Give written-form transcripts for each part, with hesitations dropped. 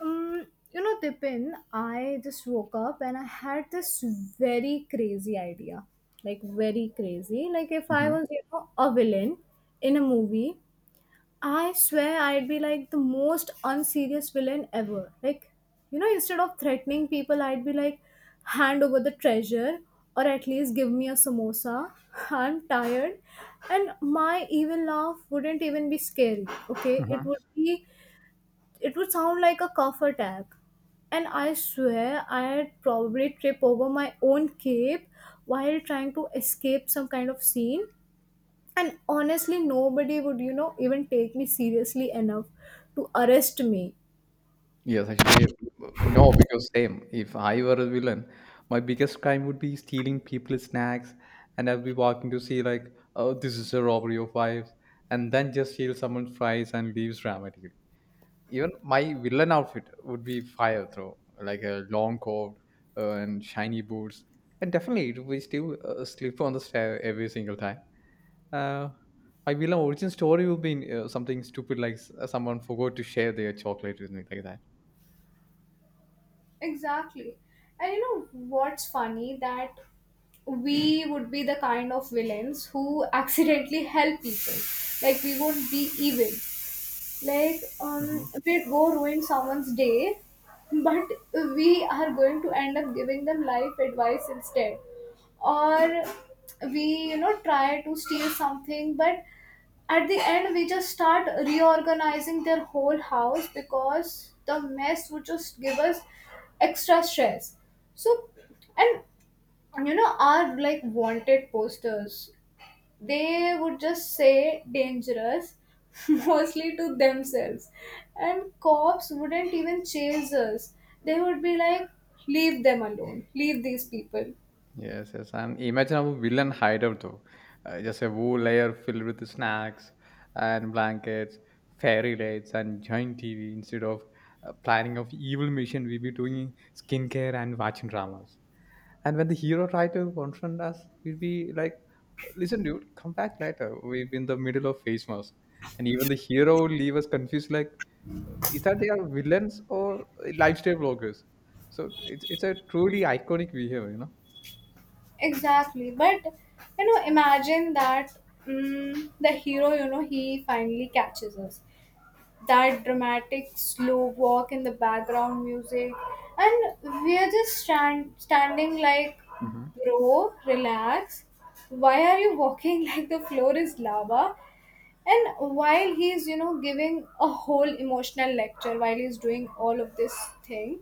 Tipin, I just woke up and I had this very crazy idea. Like, very crazy. Like, if I Mhm. was, a villain in a movie, I swear I'd be like the most unserious villain ever. Like, instead of threatening people, I'd be like, hand over the treasure or at least give me a samosa. I'm tired. And my evil laugh wouldn't even be scary, okay? It Mhm. would be it would sound like a cough attack. And I swear I'd probably trip over my own cape while trying to escape some kind of scene. And honestly, nobody would, even take me seriously enough to arrest me. Yes, actually, no, because same. If I were a villain, my biggest crime would be stealing people's snacks, and I'll be walking to see like, oh, this is a robbery of wives, and then just steal someone's fries and leaves dramatically. Even my villain outfit would be fire throw, like a long coat and shiny boots. And definitely, it will still slip on the stair every single time. Uh, my villain origin story will be something stupid like someone forgot to share their chocolate with me, like that. Exactly. And you know what's funny that we would be the kind of villains who accidentally help people. Like we won't be evil, like Mhm. did go ruin someone's day, but we are going to end up giving them life advice instead. Or we, try to steal something, but at the end we just start reorganizing their whole house because the mess would just give us extra stress. So, and, you know, our like wanted posters, they would just say dangerous, mostly to themselves. And cops wouldn't even chase us, they would be like, leave them alone, leave these people. Yes, yes. And imagine a villain hideout though. Just a whole layer filled with snacks and blankets, fairy lights, and giant TV. Instead of planning of evil mission, we be doing skincare and watching dramas. And when the hero try to confront us, we'll be like, "Listen, dude, come back later. We've been in the middle of face mask." And even the hero will leave us confused, like, Is that they are villains or lifestyle vloggers?" So it's a truly iconic behavior, you know. Exactly. But you know, imagine that, the hero, you know, he finally catches us. That dramatic slow walk in the background music, and we're just standing like, Mm-hmm. bro, relax, why are you walking like the floor is lava? And while he's, you know, giving a whole emotional lecture, while he's doing all of this thing,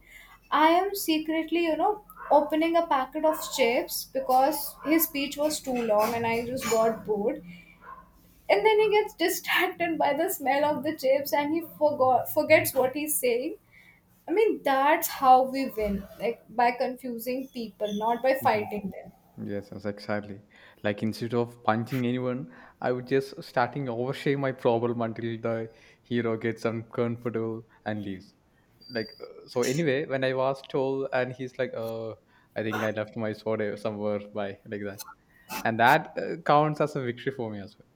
I am secretly, you know, opening a packet of chips because his speech was too long and I just got bored. And then he gets distracted by the smell of the chips and he forgot forgets what he's saying. I mean, that's how we win, like by confusing people, not by Mhm. fighting them. Yes, yes, exactly. Like instead of punching anyone, I would just starting overshare my problem until the hero gets uncomfortable and leaves. Like so. Anyway, when I was told, and he's like, I think I left my sword somewhere by like that," and that counts as a victory for me as well.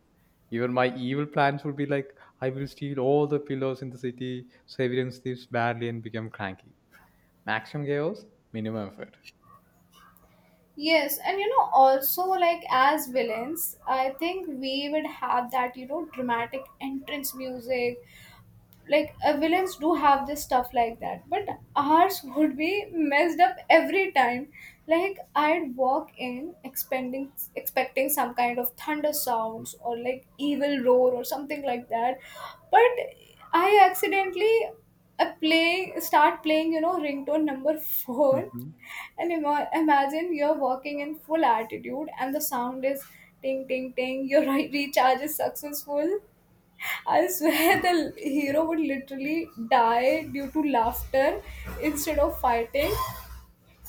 Even my evil plans would be like, "I will steal all the pillows in the city, so everyone sleeps badly and become cranky." Maximum chaos, minimum effort. Yes, and you know, also like as villains, I think we would have that, you know, dramatic entrance music, like villains do have this stuff like that, but ours would be messed up every time. Like I'd walk in expecting some kind of thunder sounds or like evil roar or something like that, but I accidentally, play start playing you know, ringtone number 4. And imagine you're walking in full attitude and the sound is ting ting ting, your recharge is successful. I swear the hero would literally die due to laughter instead of fighting.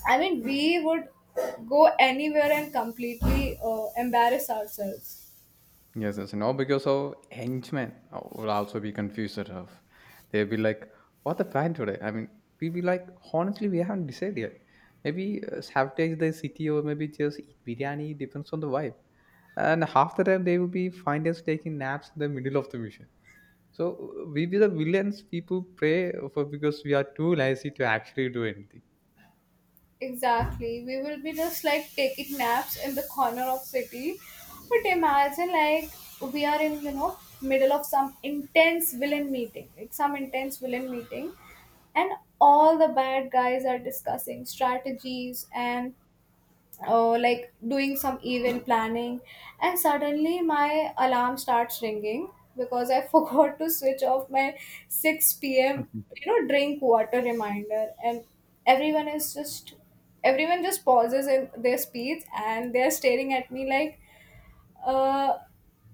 I mean, we would go anywhere and completely embarrass ourselves. Yes, yes, no, because of henchmen will also be confused at of. They'll be like, "What the plan today?" I mean, we'll be like, honestly, we haven't decided yet. Maybe sabotage the city or maybe just eat biryani. Depends on the vibe. And half the time they will be find us taking naps in the middle of the mission. So we be the villains people pray for because we are too lazy to actually do anything. Exactly. We will be just like taking naps in the corner of city. But imagine like we are in, you know, middle of some intense villain meeting, like some intense villain meeting, and all the bad guys are discussing strategies and, like doing some event planning, and suddenly my alarm starts ringing because I forgot to switch off my 6 p.m. you know, drink water reminder. And everyone is just everyone just pauses in their speech and they're staring at me like, uh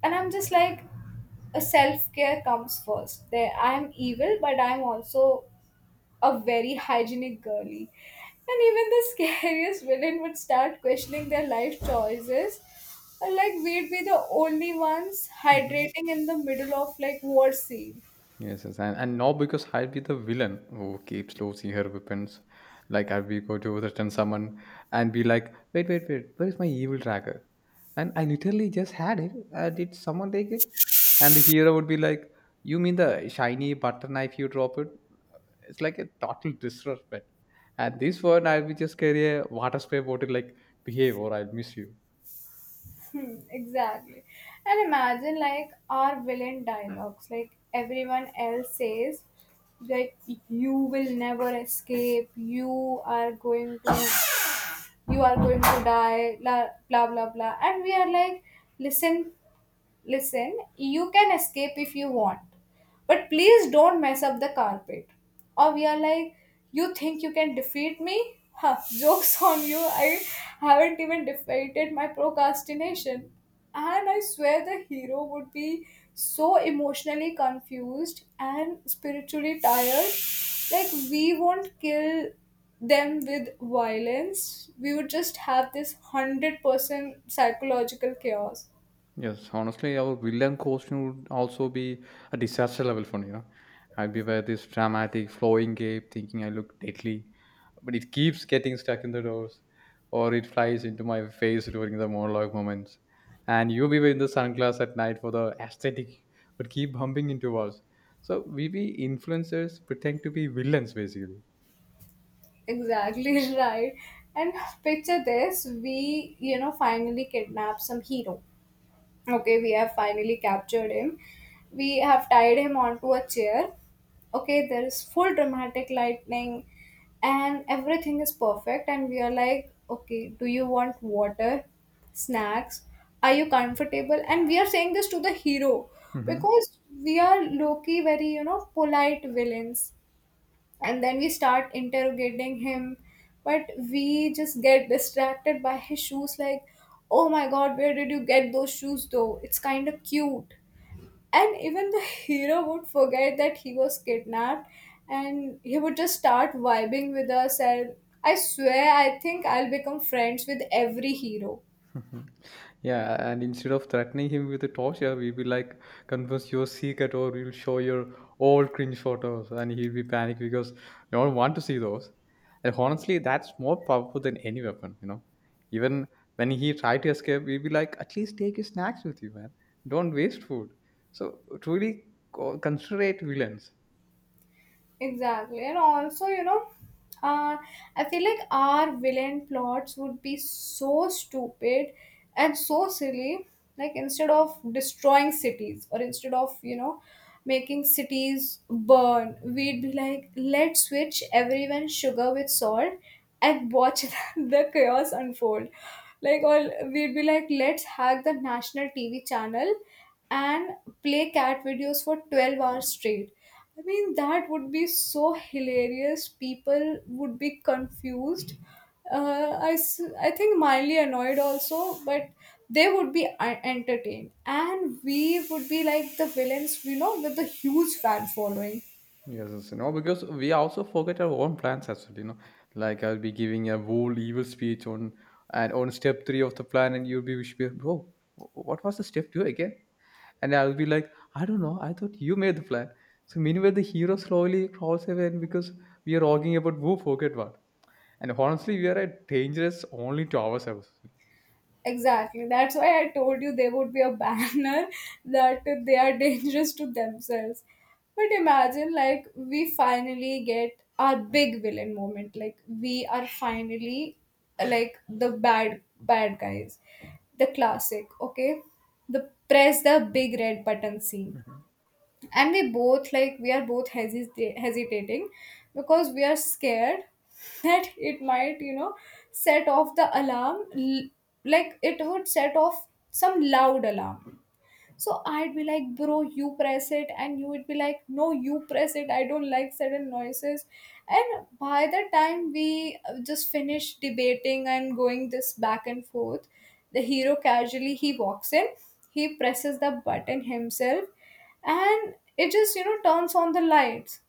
and I'm just like, a self-care comes first. There I am evil, but I'm also a very hygienic girly. And even the scariest villain would start questioning their life choices. Like we'd be the only ones hydrating in the middle of like war scene. Yes, yes, and now because I'll be the villain who keeps losing her weapons. Like I'll be go to return someone and be like, wait, wait, wait, where is my evil dagger? And I literally just had it. Did someone take it? And the hero would be like, you mean the shiny butter knife you drop it? It's like a total disrespect. And this one I'll be just carry a water spray bottle like, behave or I'll miss you. Hmm, exactly. And imagine like our villain dialogues, like everyone else says, like, you will never escape, you are going to die, blah blah blah, blah. And we are like, listen listen, you can escape if you want, but please don't mess up the carpet. Or we are like, you think you can defeat me? Huh, joke's on you, I haven't even defeated my procrastination. And I swear the hero would be so emotionally confused and spiritually tired. Like, we won't kill them with violence, we would just have this 100% psychological chaos. Yes, honestly, our villain costume would also be a disaster level for me. You know? I'd be wearing this dramatic flowing cape, thinking I look deadly, but it keeps getting stuck in the doors, or it flies into my face during the monologue moments. And you be wearing the sunglasses at night for the aesthetic, but keep bumping into walls. So we be influencers pretend to be villains basically. Exactly. Right. And picture this, we, you know, finally kidnap some hero. Okay, we have finally captured him. We have tied him onto a chair. Okay, there is full dramatic lightning and everything is perfect. And we are like, okay, do you want water, snacks? Are you comfortable? And we are saying this to the hero Mhm. because we are low key, very, you know, polite villains. And then we start interrogating him, but we just get distracted by his shoes like, oh my god, where did you get those shoes, though? It's kind of cute. And even the hero would forget that he was kidnapped, and he would just start vibing with us. And I swear I think I'll become friends with every hero. Mhm. Yeah, and instead of threatening him with the torture, we'll be like, confess your secret or we'll show your old cringe photos. And he'll be panicked because no one want to see those. And honestly, that's more powerful than any weapon, you know. Even when he tried to escape, we'll be like, at least take your snacks with you, man. Don't waste food. So truly considerate villains. Exactly. And also, you know, uh, I feel like our villain plots would be so stupid and so silly. Like, instead of destroying cities, or instead of, you know, making cities burn, we'd be like, let's switch everyone sugar with salt and watch the chaos unfold. Like, or we'd be like, let's hack the national TV channel and play cat videos for 12 hours straight. I mean, that would be so hilarious. People would be confused. I think mildly annoyed also, but they would be entertained. And we would be like the villains, you know, with the huge fan following. Yes, yes, you know, because we also forget our own plans as well, you know. Like I'll be giving a whole evil speech on and on step three of the plan and you'll be wish me, bro, what was the step two again? And I'll be like, I don't know, I thought you made the plan. So meanwhile the hero slowly crawls away and because we are arguing about who forget what. And honestly we are at dangerous only to ourselves. Exactly. That's why I told you there would be a banner that they are dangerous to themselves. But imagine, like, we finally get our big villain moment. Like, we are finally, like, the bad, bad guys. The classic, okay? The press the big red button scene, and we both like, we are both hesitating because we are scared that it might, you know, set off like it would set off some loud alarm. So I'd be like, bro, you press it, and you would be like, no, you press it. I don't like sudden noises. And by the time we just finished debating and going this back and forth, the hero casually he walks in, he presses the button himself, and it just, you know, turns on the lights.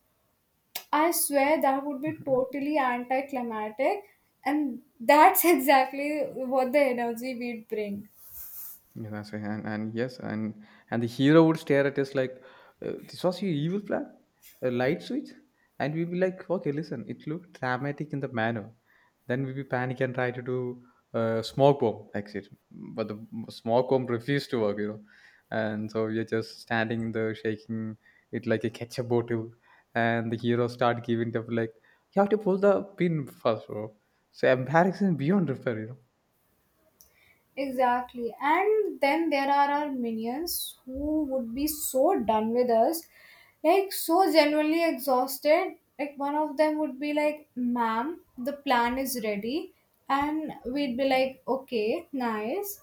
I swear that would be Mhm. totally anticlimactic, and that's exactly what the energy we'd bring. Yeah, that's right. And yes, and the hero would stare at us like, "This was your evil plan, a light switch," and we'd be like, "Okay, listen, it looked dramatic in the manner." Then we'd be panic and try to do smoke bomb exit, but the smoke bomb refused to work, you know. And so we're just standing there, shaking it like a ketchup bottle, and the hero start giving up like, "You have to pull the pin first, bro." So embarrassing beyond repair, you know. Exactly. And then there are our minions who would be so done with us, like so genuinely exhausted. Like one of them would be like, ma'am, the plan is ready. And we'd be like, okay, nice.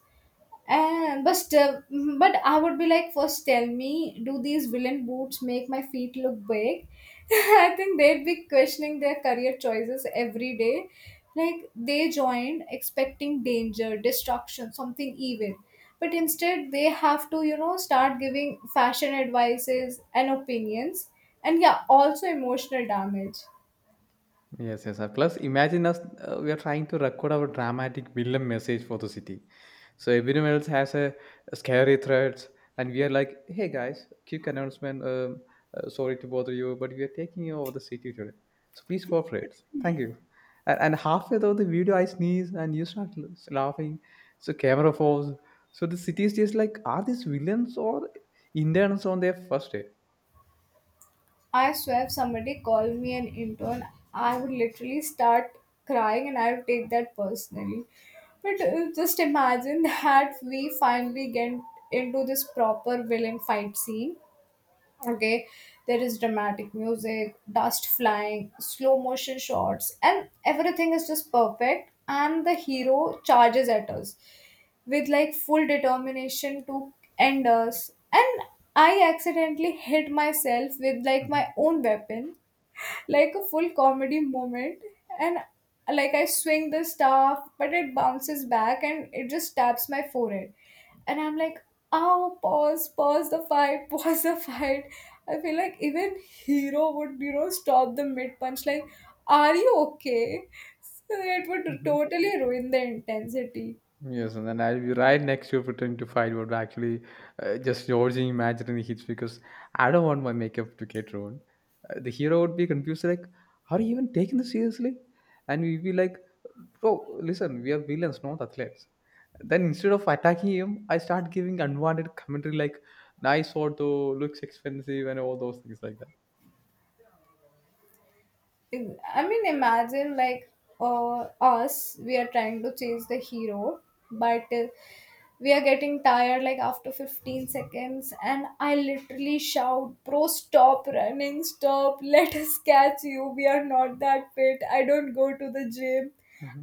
And but still, mhm, but I would be like, first tell me, do these villain boots make my feet look big? I think they'd be questioning their career choices every day. Like they joined expecting danger, destruction, something evil. But instead, they have to, you know, start giving fashion advices and opinions, and yeah, also emotional damage. Yes, yes. Sir. Plus, imagine us, we are trying to record our dramatic villain message for the city. So everyone else has a, scary threats, and we are like, hey guys, quick announcement. Sorry to bother you, but we are taking you over the city today. So please cooperate. Thank you. And halfway through the video, I sneeze and you start laughing. So camera falls. So the city is just like, are these villains or interns on their first day? I swear if somebody called me an intern, I would literally start crying and I would take that personally. But just imagine that we finally get into this proper villain fight scene. Okay, there is dramatic music, dust flying, slow motion shots, and everything is just perfect. And the hero charges at us with like full determination to end us, and I accidentally hit myself with like my Mhm. own weapon. Like a full comedy moment. And like, I swing the staff, but it bounces back and it just taps my forehead, and I'm like, ow, pause, pause the fight, pause the fight. I feel like even hero would, you know, stop the mid punch like, are you okay? So it would Mhm. totally ruin the intensity. Yes, and then I'll be right next to you pretending to fight, but actually just dodging imaginary hits because I don't want my makeup to get ruined. The hero would be confused, like, are you even taking this seriously? And we'd be like, bro, listen, we are villains, not athletes. Then instead of attacking him, I start giving unwanted commentary like, nice auto, looks expensive, and all those things like that. I mean, imagine like, us, we are trying to chase the hero, but we are getting tired like after 15 seconds, and I literally shout, bro, stop running, stop, let us catch you. We are not that fit. I don't go to the gym.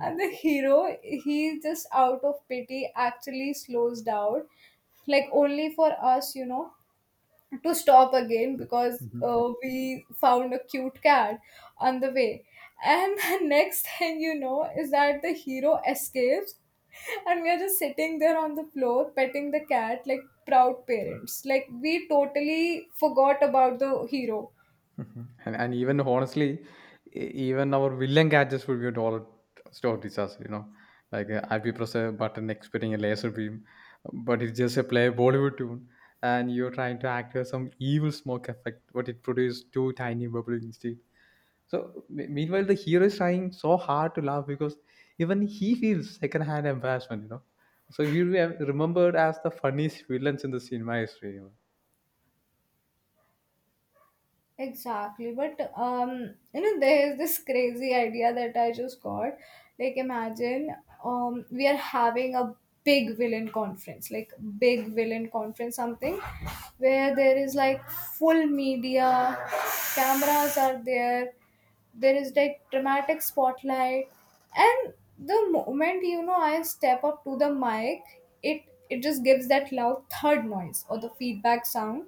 And the hero, he just out of pity actually slows down, like only for us, you know, to stop again because Hmm. we found a cute cat on the way. And the next thing you know is that the hero escapes, and we are just sitting there on the floor petting the cat like proud parents. Like, we totally forgot about the hero. Mhm. And even honestly, even our villain gadgets will be dollar store disaster. You know, like IP press a button expecting a laser beam, but it's just a play Bollywood tune, and you're trying to act as some evil smoke effect, but it produced two tiny bubbles instead. So meanwhile, the hero is trying so hard to laugh because even he feels secondhand embarrassment. You know, so we will be remembered as the funniest villains in the cinema history. You know? Exactly, but you know, there's this crazy idea that I just got. Like, imagine we are having a big villain conference, like big villain conference, something, where there is like full media, cameras are there, there is like dramatic spotlight, and the moment you know I step up to the mic, it it just gives that loud third noise or the feedback sound.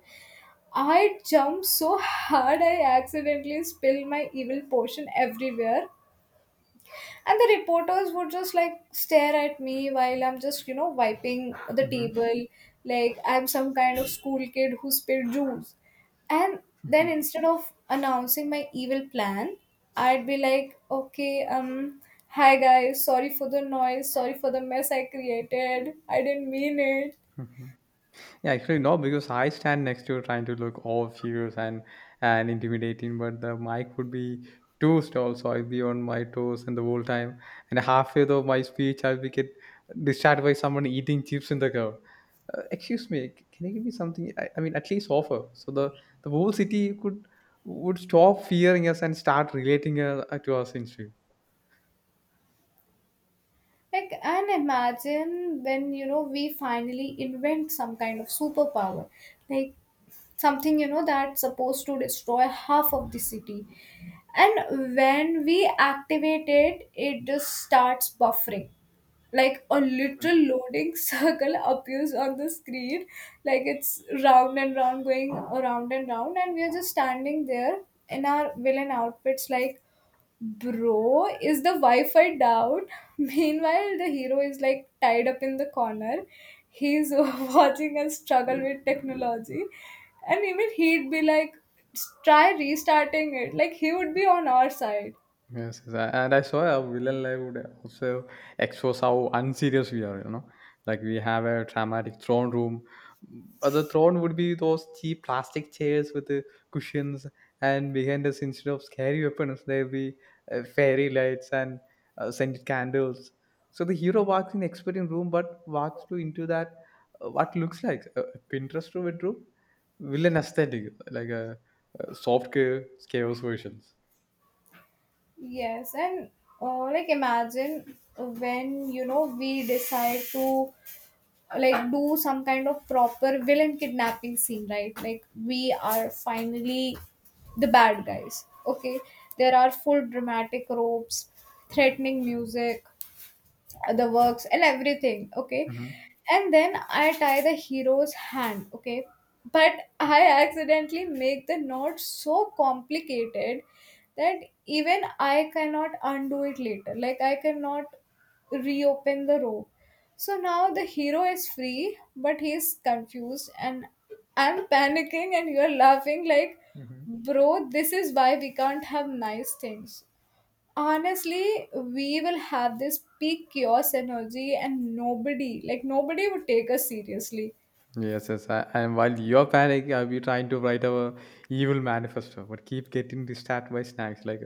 I jumped so hard I accidentally spilled my evil potion everywhere. And the reporters would just like stare at me while I'm just, you know, wiping the Mhm. table like I'm some kind of school kid who spilled juice. And then Mhm. instead of announcing my evil plan, I'd be like, okay, hi guys, sorry for the noise, sorry for the mess I created. I didn't mean it. Mhm. Yeah, actually no, because I stand next to you trying to look all fierce and intimidating, but the mic would be too tall, so I'd be on my toes and the whole time. And halfway through my speech, I'll be get distracted by someone eating chips in the crowd. Excuse me, can you give me something? I mean, at least offer. So the whole city could would stop fearing us and start relating to us instead. Like, and imagine when, you know, we finally invent some kind of superpower. Like, something, you know, that's supposed to destroy half of the city. And when we activate it, it just starts buffering. Like a literal loading circle appears on the screen, like it's round and round, going around and round, and we are just standing there in our villain outfits, like bro, is the Wi-Fi down? Meanwhile, the hero is like tied up in the corner. He's watching us struggle with technology. And even he'd be like, try restarting it. Like he would be on our side. Yes, yes, and I saw a villain live would also expose how unserious we are, you know. Like we have a dramatic throne room, but the throne would be those cheap plastic chairs with the cushions, and behind us, instead of scary weapons, there'll be fairy lights and scented candles. So the hero walks in expert room, but walks to into that what looks like a Pinterest room bedroom, villain aesthetic, like a soft chaos versions. Yes, and like imagine when, you know, we decide to like do some kind of proper villain kidnapping scene, right? Like we are finally the bad guys, okay? There are full dramatic ropes, threatening music, the works and everything, okay? Hmm. And then I tie the hero's hand, okay, but I accidentally make the knot so complicated that even I cannot undo it later, like I cannot reopen the rope. So now the hero is free, but he's confused, and I'm panicking and you're laughing like, Hmm. bro, this is why we can't have nice things. Honestly, we will have this peak chaos energy and nobody, like nobody would take us seriously. Yes, yes. I, and while you're panicking, I'll be trying to write our evil manifesto, but keep getting distracted by snacks. Like,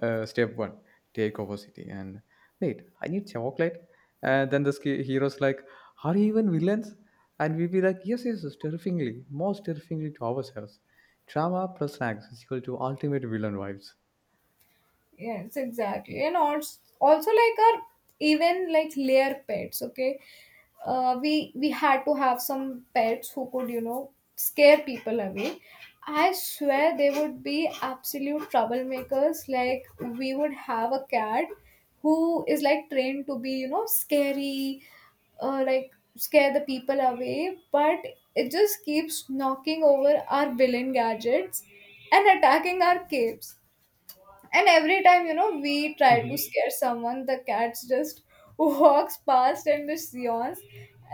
step one, take over city. And wait, I need chocolate. And then the hero's like, are you even villains? And we'll be like, yes, yes, yes, terrifyingly, most terrifyingly to ourselves. Drama plus snacks is equal to ultimate villain vibes. Yes, exactly. And also, also like our even like layer pets, okay? We had to have some pets who could, you know, scare people away. I swear they would be absolute troublemakers. Like we would have a cat who is like trained to be, you know, scary, like scare the people away, but it just keeps knocking over our villain gadgets and attacking our capes. And every time, you know, we try to scare someone, the cats just walks past and just yawns.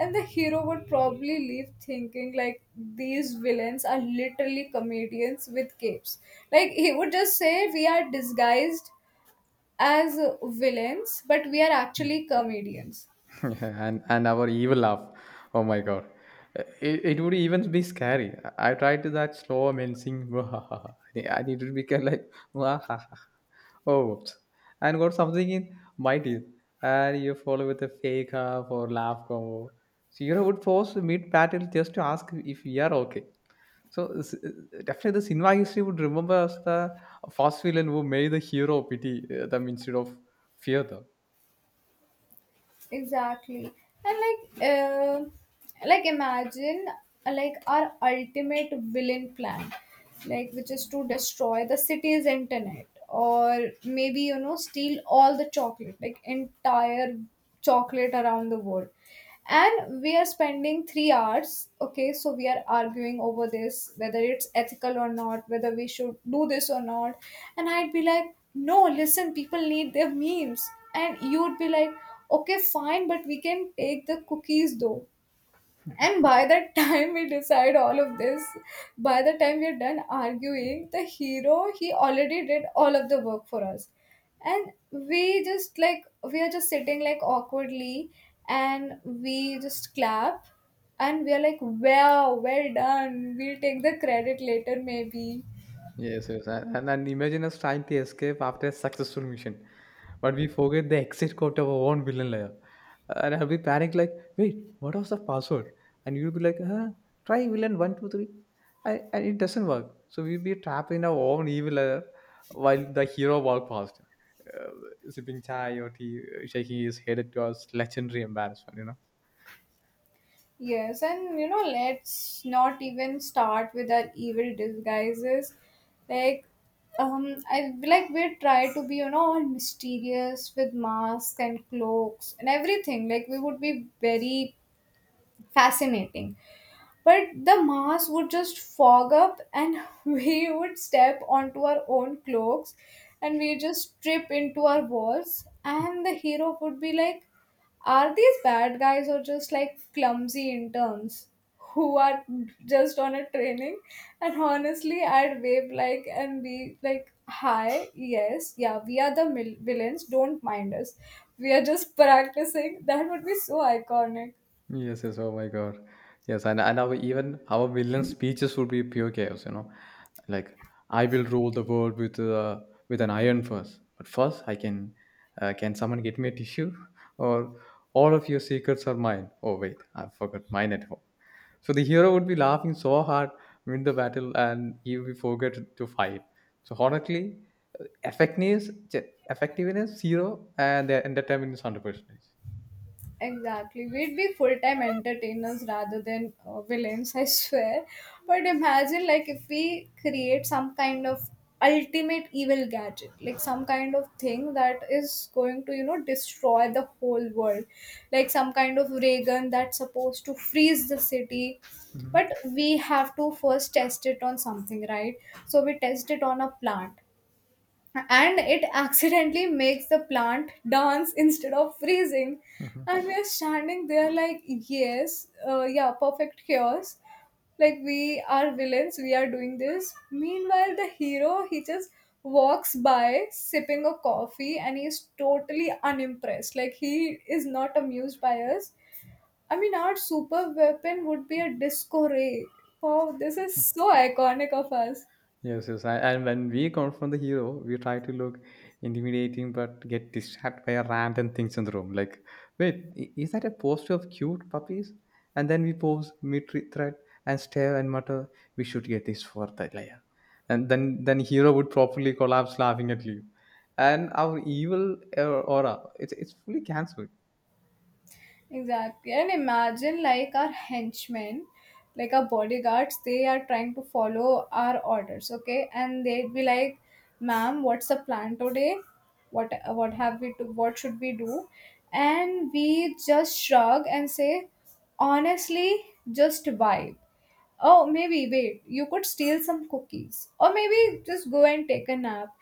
And the hero would probably leave thinking like these villains are literally comedians with capes. Like he would just say we are disguised as villains, but we are actually comedians. And our evil laugh. Oh my god. It would even be scary. I tried to that slow mincing. I need to become like oh whoops. And got something in my teeth. And you follow with a fake laugh or laugh combo. So you would pause mid battle just to ask if we are okay. So definitely the cinema history would remember us the fast villain who made the hero pity them instead of fear them. Exactly, and like imagine like our ultimate villain plan, like which is to destroy the city's internet or maybe, you know, steal all the chocolate, like entire chocolate around the world. And we are spending 3 hours, okay, so we are arguing over this, whether it's ethical or not, whether we should do this or not. And I'd be like, no, listen, people need their memes. And you'd be like, okay, fine, but we can take the cookies though. And by the time we decide all of this, by the time we're done arguing, the hero, he already did all of the work for us. And we just like, we are just sitting like awkwardly, and we just clap, and we are like, wow, well done. We'll take the credit later, maybe. Yes, yes. And imagine us trying to escape after a successful mission. But we forget the exit code of our own villain layer. And I'll be panicked like, wait, what was the password? And you'll be like, huh, try villain one, two, three. I, and it doesn't work. So we'll be trapped in our own evil layer while the hero walk past. Uh, sipping chai or tea, shaking his head at us, legendary embarrassment, you know. Yes, and you know, let's not even start with our evil disguises. Like, I like we try to be, you know, all mysterious with masks and cloaks and everything. Like, we would be very fascinating. But the mass would just fog up, and we would step onto our own cloaks, and we just trip into our walls. And the hero would be like, are these bad guys or just like clumsy interns who are just on a training? And honestly, I'd wave like and be like, hi, yes, yeah, we are the villains, don't mind us. We are just practicing. That would be so iconic. Yes, yes. Oh my God. Yes, and our even our villain speeches would be pure chaos. You know, like I will rule the world with an iron first. But first, I can someone get me a tissue? Or all of your secrets are mine. Oh wait, I forgot mine at home. So the hero would be laughing so hard win the battle, and he will forget to fight. So honestly, uh, effectiveness effectiveness zero, and their entertainment is 100%. Exactly. We'd be full time entertainers rather than villains, I swear. But imagine, like, if we create some kind of ultimate evil gadget, like some kind of thing that is going to, you know, destroy the whole world, like some kind of ray gun that's supposed to freeze the city. Mm-hmm. But we have to first test it on something, right? So we test it on a plant, and it accidentally makes the plant dance instead of freezing. And we are standing there like, yes, yeah, perfect chaos. Like we are villains, we are doing this. Meanwhile the hero, he just walks by sipping a coffee, and he's totally unimpressed. Like he is not amused by us. I mean, our super weapon would be a disco ray. Wow, this is so iconic of us. Yes, yes. I, and when we confront the hero, we try to look intimidating but get distracted by a random things in the room. Like, wait, is that a poster of cute puppies? And then we pause mid thread and stare and mutter, we should get this for the layer. And then hero would properly collapse laughing at you. And our evil aura, it's fully cancelled. Exactly. And imagine like our henchmen, like our bodyguards, they are trying to follow our orders, okay? And they'd be like, "Ma'am, what's the plan today? What what have we to what should we do?" And we just shrug and say, "Honestly, just vibe." Oh, maybe wait, you could steal some cookies. Or maybe just go and take a nap.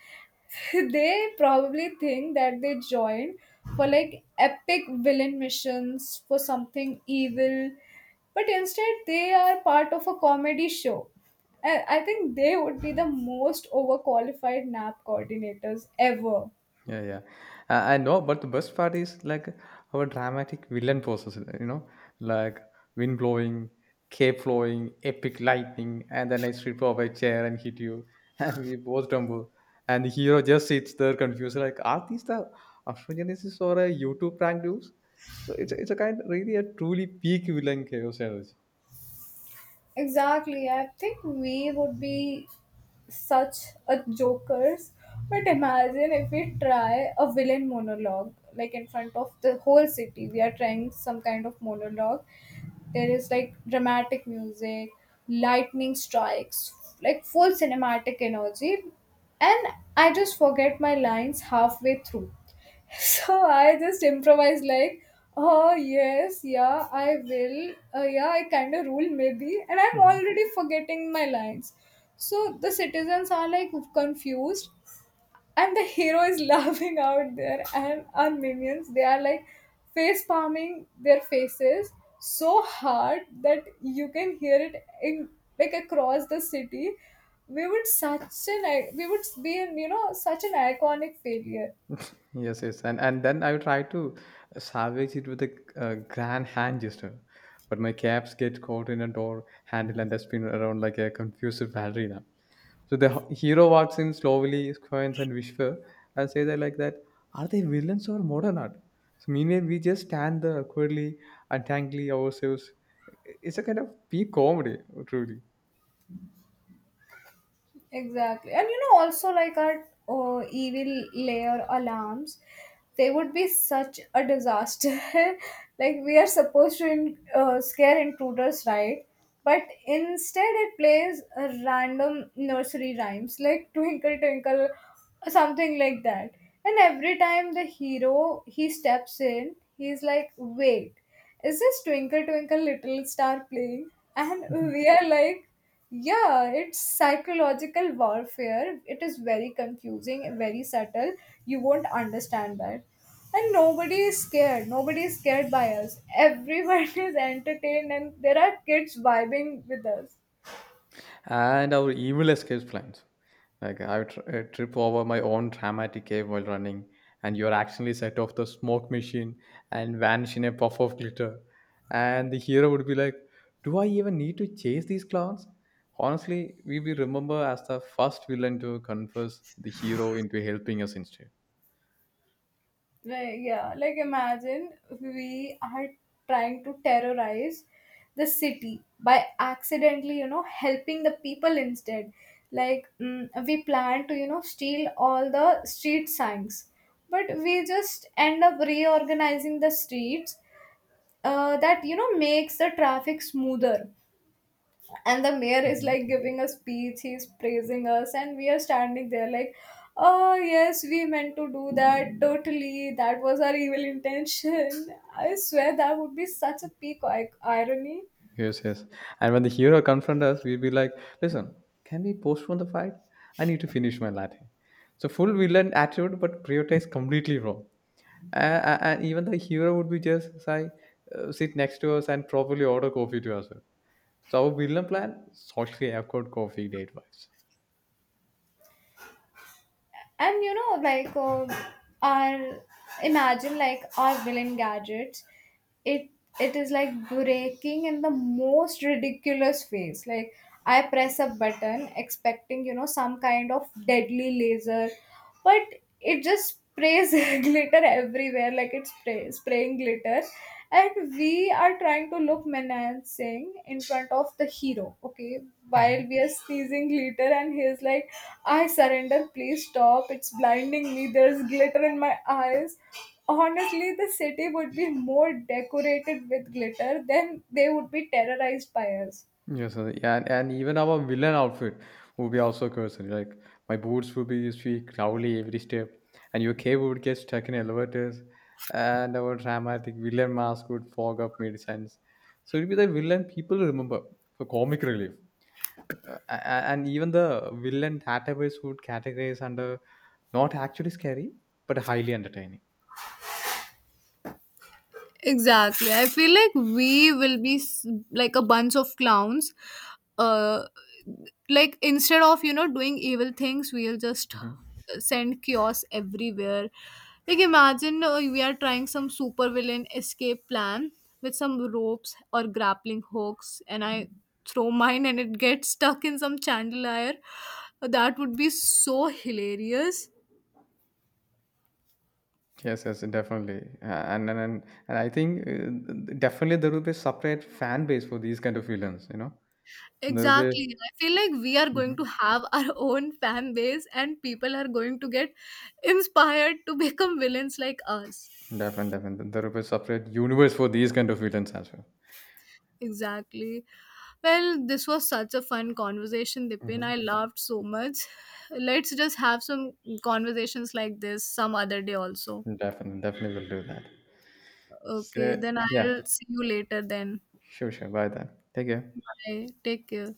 They probably think that they joined for like epic villain missions for something evil, but instead they are part of a comedy show. And I think they would be the most overqualified nap coordinators ever. Yeah, yeah. I know, but the best part is like our dramatic villain process, you know, like wind blowing, cape flowing, epic lightning, and then I strip off a chair and hit you, and we both tumble. And the hero just sits there confused, like, are these the Afrogenesis or a YouTube prank dudes? So it's a kind really a truly peak villain chaos energy. Exactly. I think we would be such a jokers. But imagine if we try a villain monologue, like in front of the whole city. We are trying some kind of monologue. There is like dramatic music, lightning strikes, like full cinematic energy. And I just forget my lines halfway through. So I just improvised like, oh yes, yeah, I will. Yeah, I kind of rule maybe, and I'm already forgetting my lines. So the citizens are like confused, and the hero is laughing out there, and our minions, they are like face palming their faces so hard that you can hear it in like across the city. We would such an, we would be in, you know, such an iconic failure. Yes, yes, and then I try to salvage it with a grand hand gesture, but my caps get caught in a door handle and I spin around like a confused ballerina. So the hero walks in slowly, squints and whispers and say that like that, are they villains or modern art? So meanwhile, we just stand there awkwardly, untangling ourselves. It's a kind of peak comedy, truly. Exactly. And you know, also like our evil layer alarms, they would be such a disaster. Like, we are supposed to scare intruders, right? But instead, it plays a random nursery rhymes like twinkle twinkle, something like that. And every time the hero, he steps in, he's like, wait, is this Twinkle Twinkle Little Star playing? And Mm-hmm. we are like, yeah, it's psychological warfare. It is very confusing, very subtle. You won't understand that. And nobody is scared. Nobody is scared by us. Everyone is entertained, and there are kids vibing with us. And our evil escape plans. Like I would trip over my own dramatic cave while running, and you are accidentally set off the smoke machine and vanish in a puff of glitter. And the hero would be like, "Do I even need to chase these clowns?" Honestly, we will remember as the first villain to converse the hero into helping us instead. Like, yeah, like imagine we are trying to terrorize the city by accidentally, you know, helping the people instead. Like, we plan to, you know, steal all the street signs, but we just end up reorganizing the streets that, you know, makes the traffic smoother. And the mayor Hı is hı. like giving a speech, he's praising us, and we are standing there like, oh yes, we meant to do that, totally, that was our evil intention. I swear that would be such a peak irony. Yes, yes. And when the hero confront us, we'll be like, listen, can we postpone the fight? I need to finish my latte. So full villain attitude, but prioritized completely wrong. And even the hero would be just say, sit next to us and probably order coffee to us. So our villain plan socially awkward coffee date vibes. And you know, like our, imagine like our villain gadgets, it it is like breaking in the most ridiculous ways. Like I press a button expecting, you know, some kind of deadly laser, but it just sprays glitter everywhere. Like it's spraying glitter. And we are trying to look menacing in front of the hero, okay, while we are sneezing glitter, and he's like, I surrender, please stop, it's blinding me, there's glitter in my eyes. Honestly, the city would be more decorated with glitter than they would be terrorized by us. Yes, sir. Yeah, and even our villain outfit would be also cursed. Like my boots would be squeak loudly every step, and your cable would get stuck in elevators, and our dramatic villain mask would fog up mid sense. So it'd be the villain people remember for comic relief, and even the villain database would categorize under not actually scary but highly entertaining. Exactly. I feel like we will be like a bunch of clowns. Uh, like instead of, you know, doing evil things, we'll just Mhm. send chaos everywhere. Like imagine we are trying some super villain escape plan with some ropes or grappling hooks, and I throw mine and it gets stuck in some chandelier. That would be so hilarious. Yes, yes, definitely. And I think definitely there will be separate fan base for these kind of villains. You know, there will Exactly. be I feel like we are going to mm-hmm. have our own fan base, and people are going to get inspired to become villains like us. Definitely, definitely there will be separate universe for these kind of villains as well. Exactly. Well, this was such a fun conversation, Dipin. Hmm. I loved so much. Let's just have some conversations like this some other day also. Definitely, definitely will do that. So Okay, then yeah, I'll see you later then. sure, sure. Bye then. Take care. Bye. Take care.